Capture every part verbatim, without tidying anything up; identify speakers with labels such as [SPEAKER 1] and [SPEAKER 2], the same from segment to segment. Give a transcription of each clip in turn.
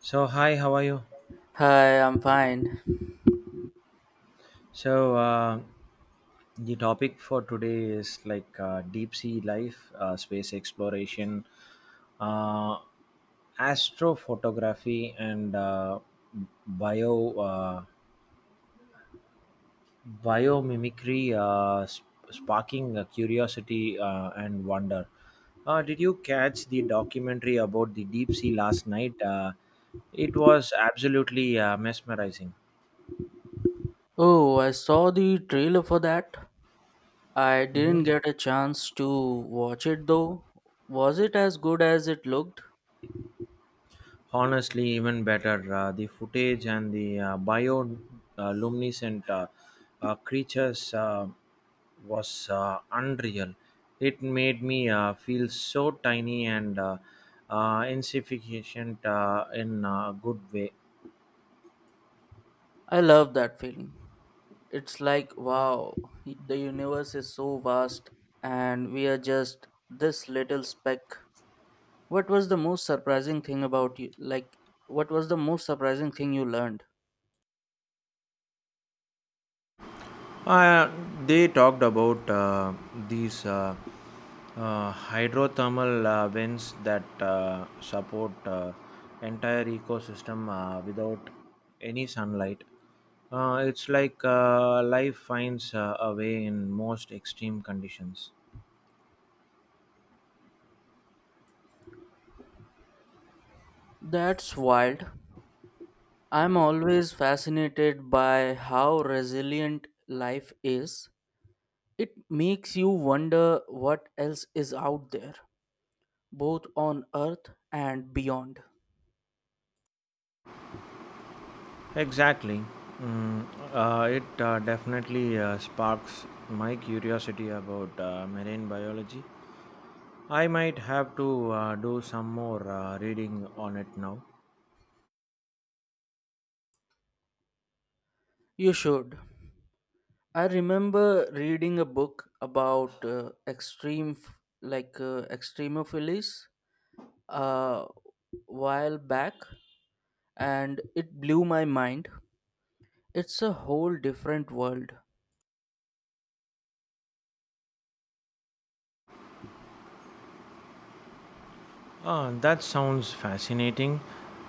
[SPEAKER 1] So hi, how are you?
[SPEAKER 2] Hi, I'm fine.
[SPEAKER 1] So uh, the topic for today is like uh, deep sea life, uh, space exploration, uh, astrophotography, and uh, bio uh, biomimicry, uh, sp- sparking uh, curiosity uh, and wonder. Uh, did you catch the documentary about the deep sea last night? Uh, it was absolutely uh, mesmerizing.
[SPEAKER 2] Oh, I saw the trailer for that. I
[SPEAKER 1] Mhm.
[SPEAKER 2] didn't get a chance to watch it though. Was it as good as it looked?
[SPEAKER 1] Honestly, even better. Uh, the footage and the uh, bioluminescent uh, uh, uh, creatures uh, was uh, unreal. It made me uh, feel so tiny and uh, uh, insignificant uh, in a good way.
[SPEAKER 2] I love that feeling. It's like, wow, the universe is so vast and we are just this little speck. What was the most surprising thing about you? Like, what was the most surprising thing you learned?
[SPEAKER 1] Uh, they talked about uh, these uh, uh, hydrothermal uh, vents that uh, support uh, entire ecosystem uh, without any sunlight. Uh, it's like uh, life finds uh, a way in most extreme conditions.
[SPEAKER 2] That's wild. I'm always fascinated by how resilient life is. It makes you wonder what else is out there, both on Earth and beyond.
[SPEAKER 1] Exactly. Mm, uh, it uh, definitely uh, sparks my curiosity about uh, marine biology. I might have to uh, do some more uh, reading on it now.
[SPEAKER 2] You should. I remember reading a book about uh, extreme, f- like uh, extremophiles, a while back, and it blew my mind. It's a whole different world.
[SPEAKER 1] Ah, that sounds fascinating.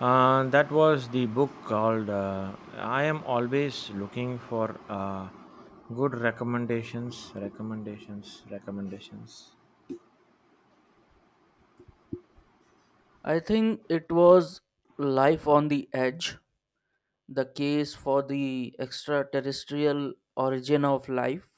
[SPEAKER 1] Uh, that was the book called uh, I Am Always Looking for uh, Good Recommendations. Recommendations. Recommendations.
[SPEAKER 2] I think it was Life on the Edge, the case for the extraterrestrial origin of life.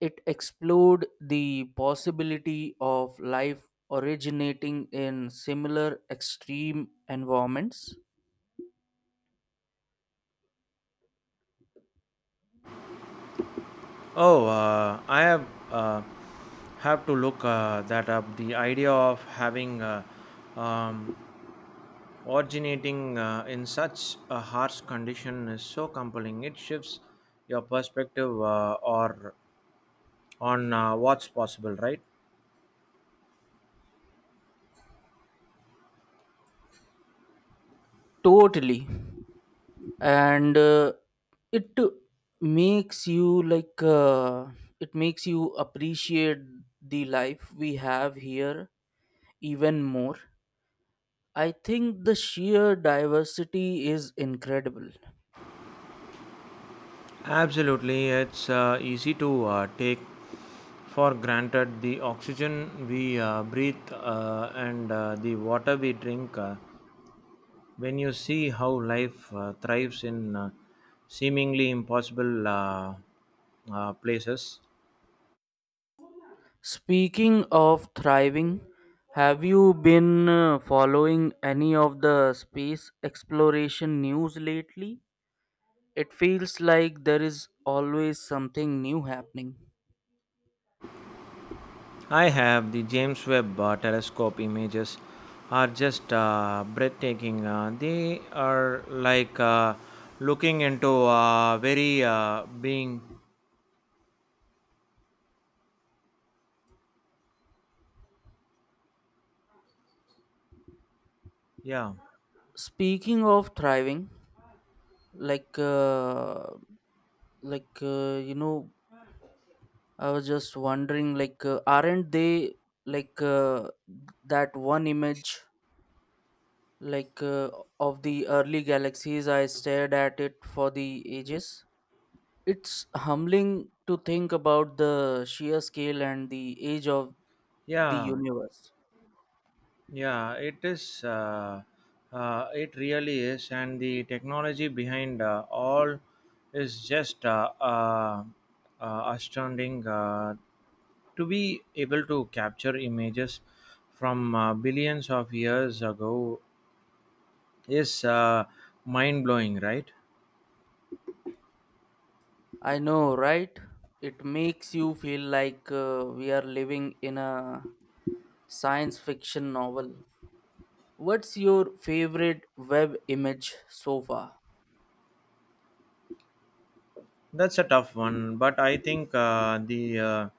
[SPEAKER 2] It explored the possibility of life originating in similar extreme environments.
[SPEAKER 1] Oh, uh, I have, uh, have to look uh, that up. The idea of having uh, um, originating uh, in such a harsh condition is so compelling. It shifts your perspective uh, or on uh, what's possible, right?
[SPEAKER 2] Totally. And uh, it makes you like, uh, it makes you appreciate the life we have here even more. I think the sheer diversity is incredible.
[SPEAKER 1] Absolutely, it's uh, easy to uh, take for granted the oxygen we uh, breathe uh, and uh, the water we drink. Uh, when you see how life uh, thrives in uh, seemingly impossible uh, uh, places,
[SPEAKER 2] Speaking of thriving, have you been uh, following any of the space exploration news lately? It feels like there is always something new happening.
[SPEAKER 1] I have the James Webb uh, Telescope images are just uh, breathtaking. Uh, they are like uh, looking into uh, very uh, being. Yeah,
[SPEAKER 2] Speaking of thriving, like uh, like uh, you know, I was just wondering, like, uh, aren't they like uh, that one image like uh, of the early galaxies? I stared at it for the ages. It's humbling to think about the sheer scale and the age of the
[SPEAKER 1] yeah,
[SPEAKER 2] universe.
[SPEAKER 1] yeah. It is. Uh, uh, it really is, and the technology behind uh, all is just uh, uh, uh, astounding. Uh, to be able to capture images from uh, billions of years ago is uh, mind blowing, right?
[SPEAKER 2] I know, right? It makes you feel like uh, we are living in a science fiction novel. What's your favorite web image so far?
[SPEAKER 1] That's a tough one, but I think uh, the uh,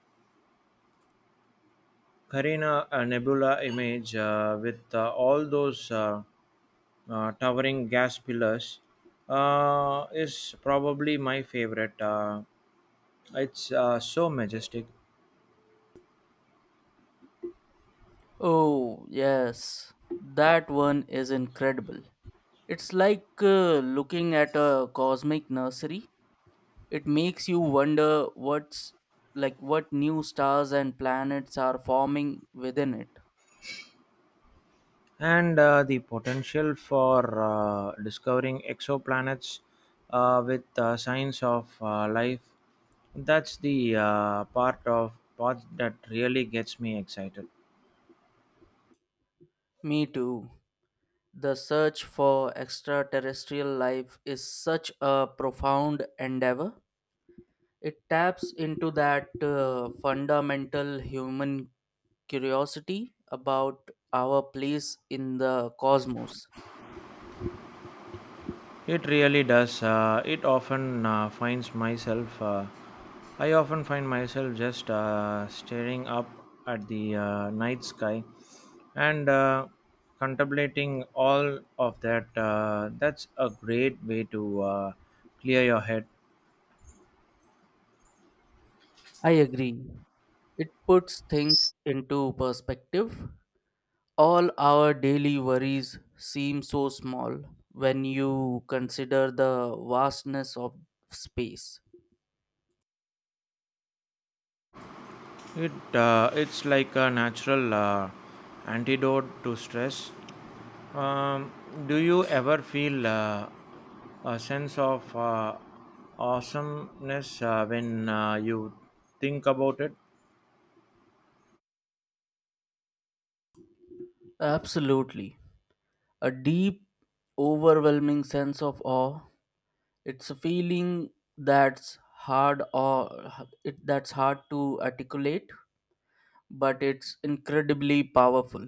[SPEAKER 1] Carina uh, Nebula image uh, with uh, all those uh, uh, towering gas pillars uh, is probably my favorite. Uh, it's uh, so majestic,
[SPEAKER 2] Oh, yes. That one is incredible. It's like uh, looking at a cosmic nursery. It makes you wonder what's like what new stars and planets are forming within it.
[SPEAKER 1] and uh, the potential for uh, discovering exoplanets uh, with uh, signs of uh, life. That's the uh, part of part that really gets me excited.
[SPEAKER 2] Me too. The search for extraterrestrial life is such a profound endeavor. It taps into that uh, fundamental human curiosity about our place in the cosmos.
[SPEAKER 1] It really does. Uh, it often uh, finds myself. Uh, I often find myself just uh, staring up at the uh, night sky and uh, contemplating all of that. Uh, that's a great way to uh, clear your head.
[SPEAKER 2] I agree. It puts things into perspective. All our daily worries seem so small when you consider the vastness of space.
[SPEAKER 1] It uh, it's like a natural uh, antidote to stress. Um, do you ever feel uh, a sense of uh, awesomeness uh, when uh, you think about it?
[SPEAKER 2] Absolutely. A deep, overwhelming sense of awe. It's a feeling that's hard or it, that's hard to articulate, but it's incredibly powerful.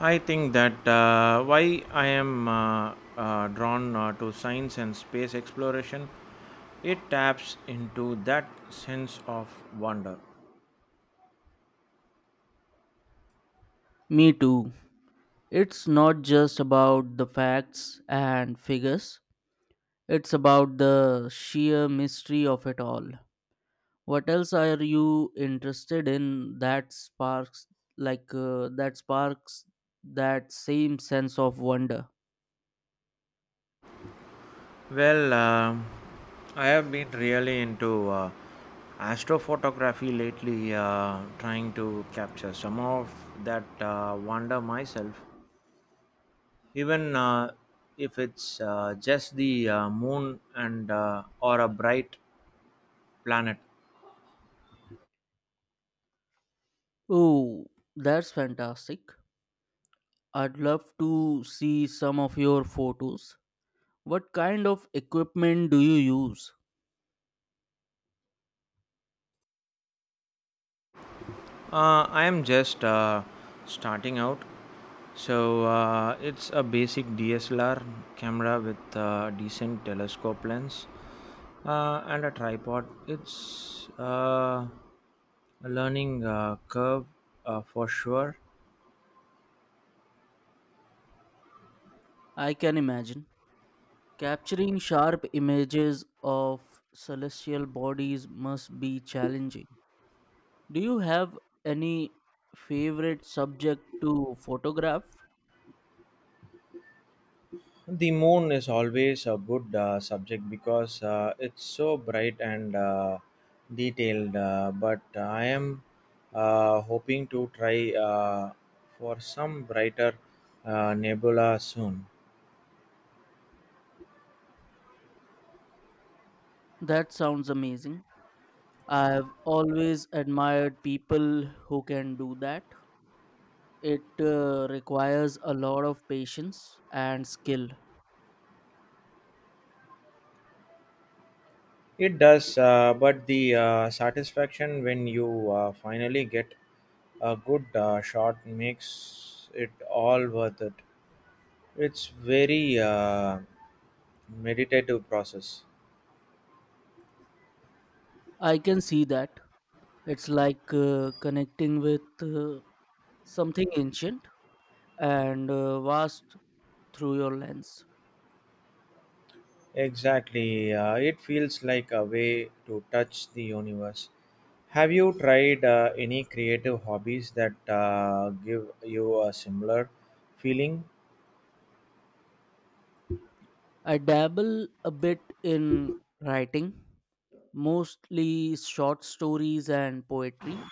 [SPEAKER 1] I think that uh, why I am uh, uh, drawn uh, to science and space exploration, it taps into that sense of wonder.
[SPEAKER 2] Me too. It's not just about the facts and figures. It's about the sheer mystery of it all. What else are you interested in that sparks like uh, that sparks that same sense of wonder?
[SPEAKER 1] Well, um, I have been really into uh, astrophotography lately, uh, trying to capture some of that uh, wonder myself, even uh, if it's uh, just the uh, moon and uh, or a bright planet.
[SPEAKER 2] Oh, that's fantastic. I'd love to see some of your photos. What kind of equipment do you use?
[SPEAKER 1] Uh, I am just uh, starting out, so uh, it's a basic D S L R camera with a decent telescope lens uh, and a tripod. It's uh, a learning uh, curve uh, for sure.
[SPEAKER 2] I can imagine. Capturing sharp images of celestial bodies must be challenging. Do you have any favorite subject to photograph?
[SPEAKER 1] The moon is always a good uh, subject because uh, it's so bright and uh, detailed. Uh, but I am uh, hoping to try uh, for some brighter uh, nebula soon.
[SPEAKER 2] That sounds amazing. I've always admired people who can do that. It uh, requires a lot of patience and skill.
[SPEAKER 1] It does, uh, but the uh, satisfaction when you uh, finally get a good uh, shot makes it all worth it. It's very uh, meditative process.
[SPEAKER 2] I can see that. It's like uh, connecting with uh, something ancient and uh, vast through your lens.
[SPEAKER 1] Exactly. Uh, it feels like a way to touch the universe. Have you tried uh, any creative hobbies that uh, give you a similar feeling?
[SPEAKER 2] I dabble a bit in writing, mostly short stories and poetry.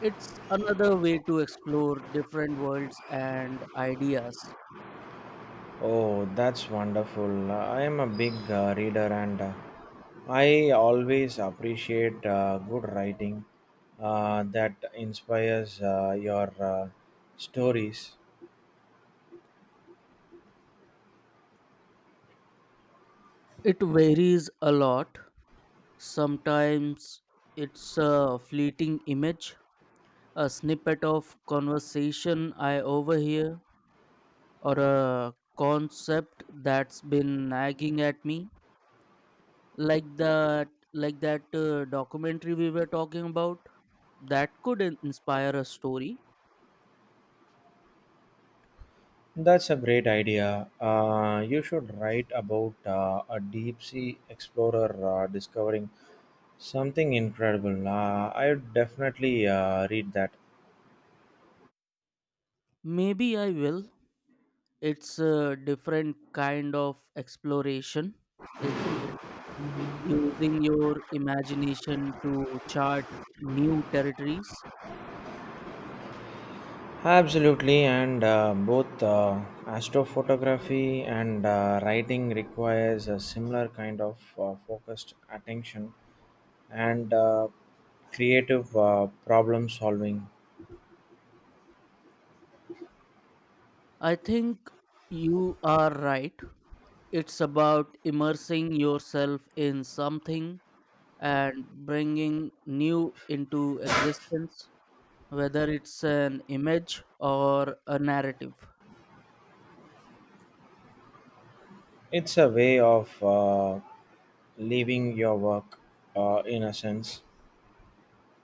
[SPEAKER 2] It's another way to explore different worlds and ideas.
[SPEAKER 1] Oh, that's wonderful. I am a big uh, reader and uh, I always appreciate uh, good writing uh, that inspires uh, your uh, stories.
[SPEAKER 2] It varies a lot. Sometimes it's a fleeting image, a snippet of conversation I overhear, or a concept that's been nagging at me, like that like that uh, documentary we were talking about. That could in- inspire a story.
[SPEAKER 1] That's a great idea. Uh, you should write about uh, a deep sea explorer uh, discovering something incredible. Uh, I would definitely uh, read that.
[SPEAKER 2] Maybe I will. It's a different kind of exploration, isn't it? Using your imagination to chart new territories.
[SPEAKER 1] Absolutely, and uh, both uh, astrophotography and uh, writing requires a similar kind of uh, focused attention and uh, creative uh, problem solving.
[SPEAKER 2] I think you are right. It's about immersing yourself in something and bringing new into existence, whether it's an image or a narrative.
[SPEAKER 1] It's a way of uh, leaving your work uh, in a sense,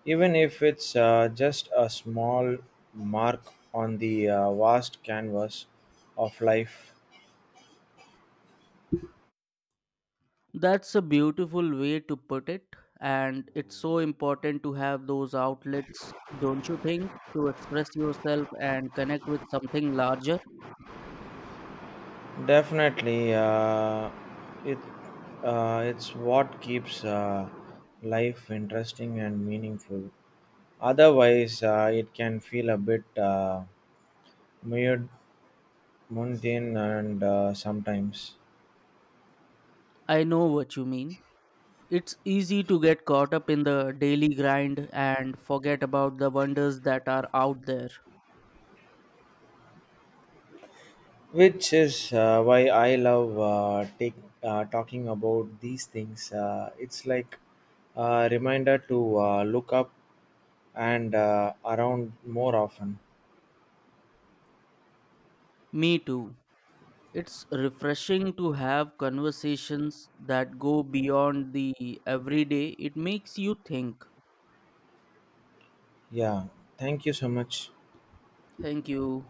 [SPEAKER 1] even if it's uh, just a small mark on the uh, vast canvas of life.
[SPEAKER 2] That's a beautiful way to put it, and it's so important to have those outlets, don't you think, to express yourself and connect with something larger?
[SPEAKER 1] Definitely uh, it uh, it's what keeps uh, life interesting and meaningful, otherwise uh, it can feel a bit uh, weird mundane and uh, sometimes.
[SPEAKER 2] I know what you mean. It's easy to get caught up in the daily grind and forget about the wonders that are out there.
[SPEAKER 1] Which is uh, why I love uh, take, uh, talking about these things. Uh, it's like a reminder to uh, look up and uh, around more often.
[SPEAKER 2] Me too. It's refreshing to have conversations that go beyond the everyday. It makes you think.
[SPEAKER 1] Yeah, thank you so much.
[SPEAKER 2] Thank you.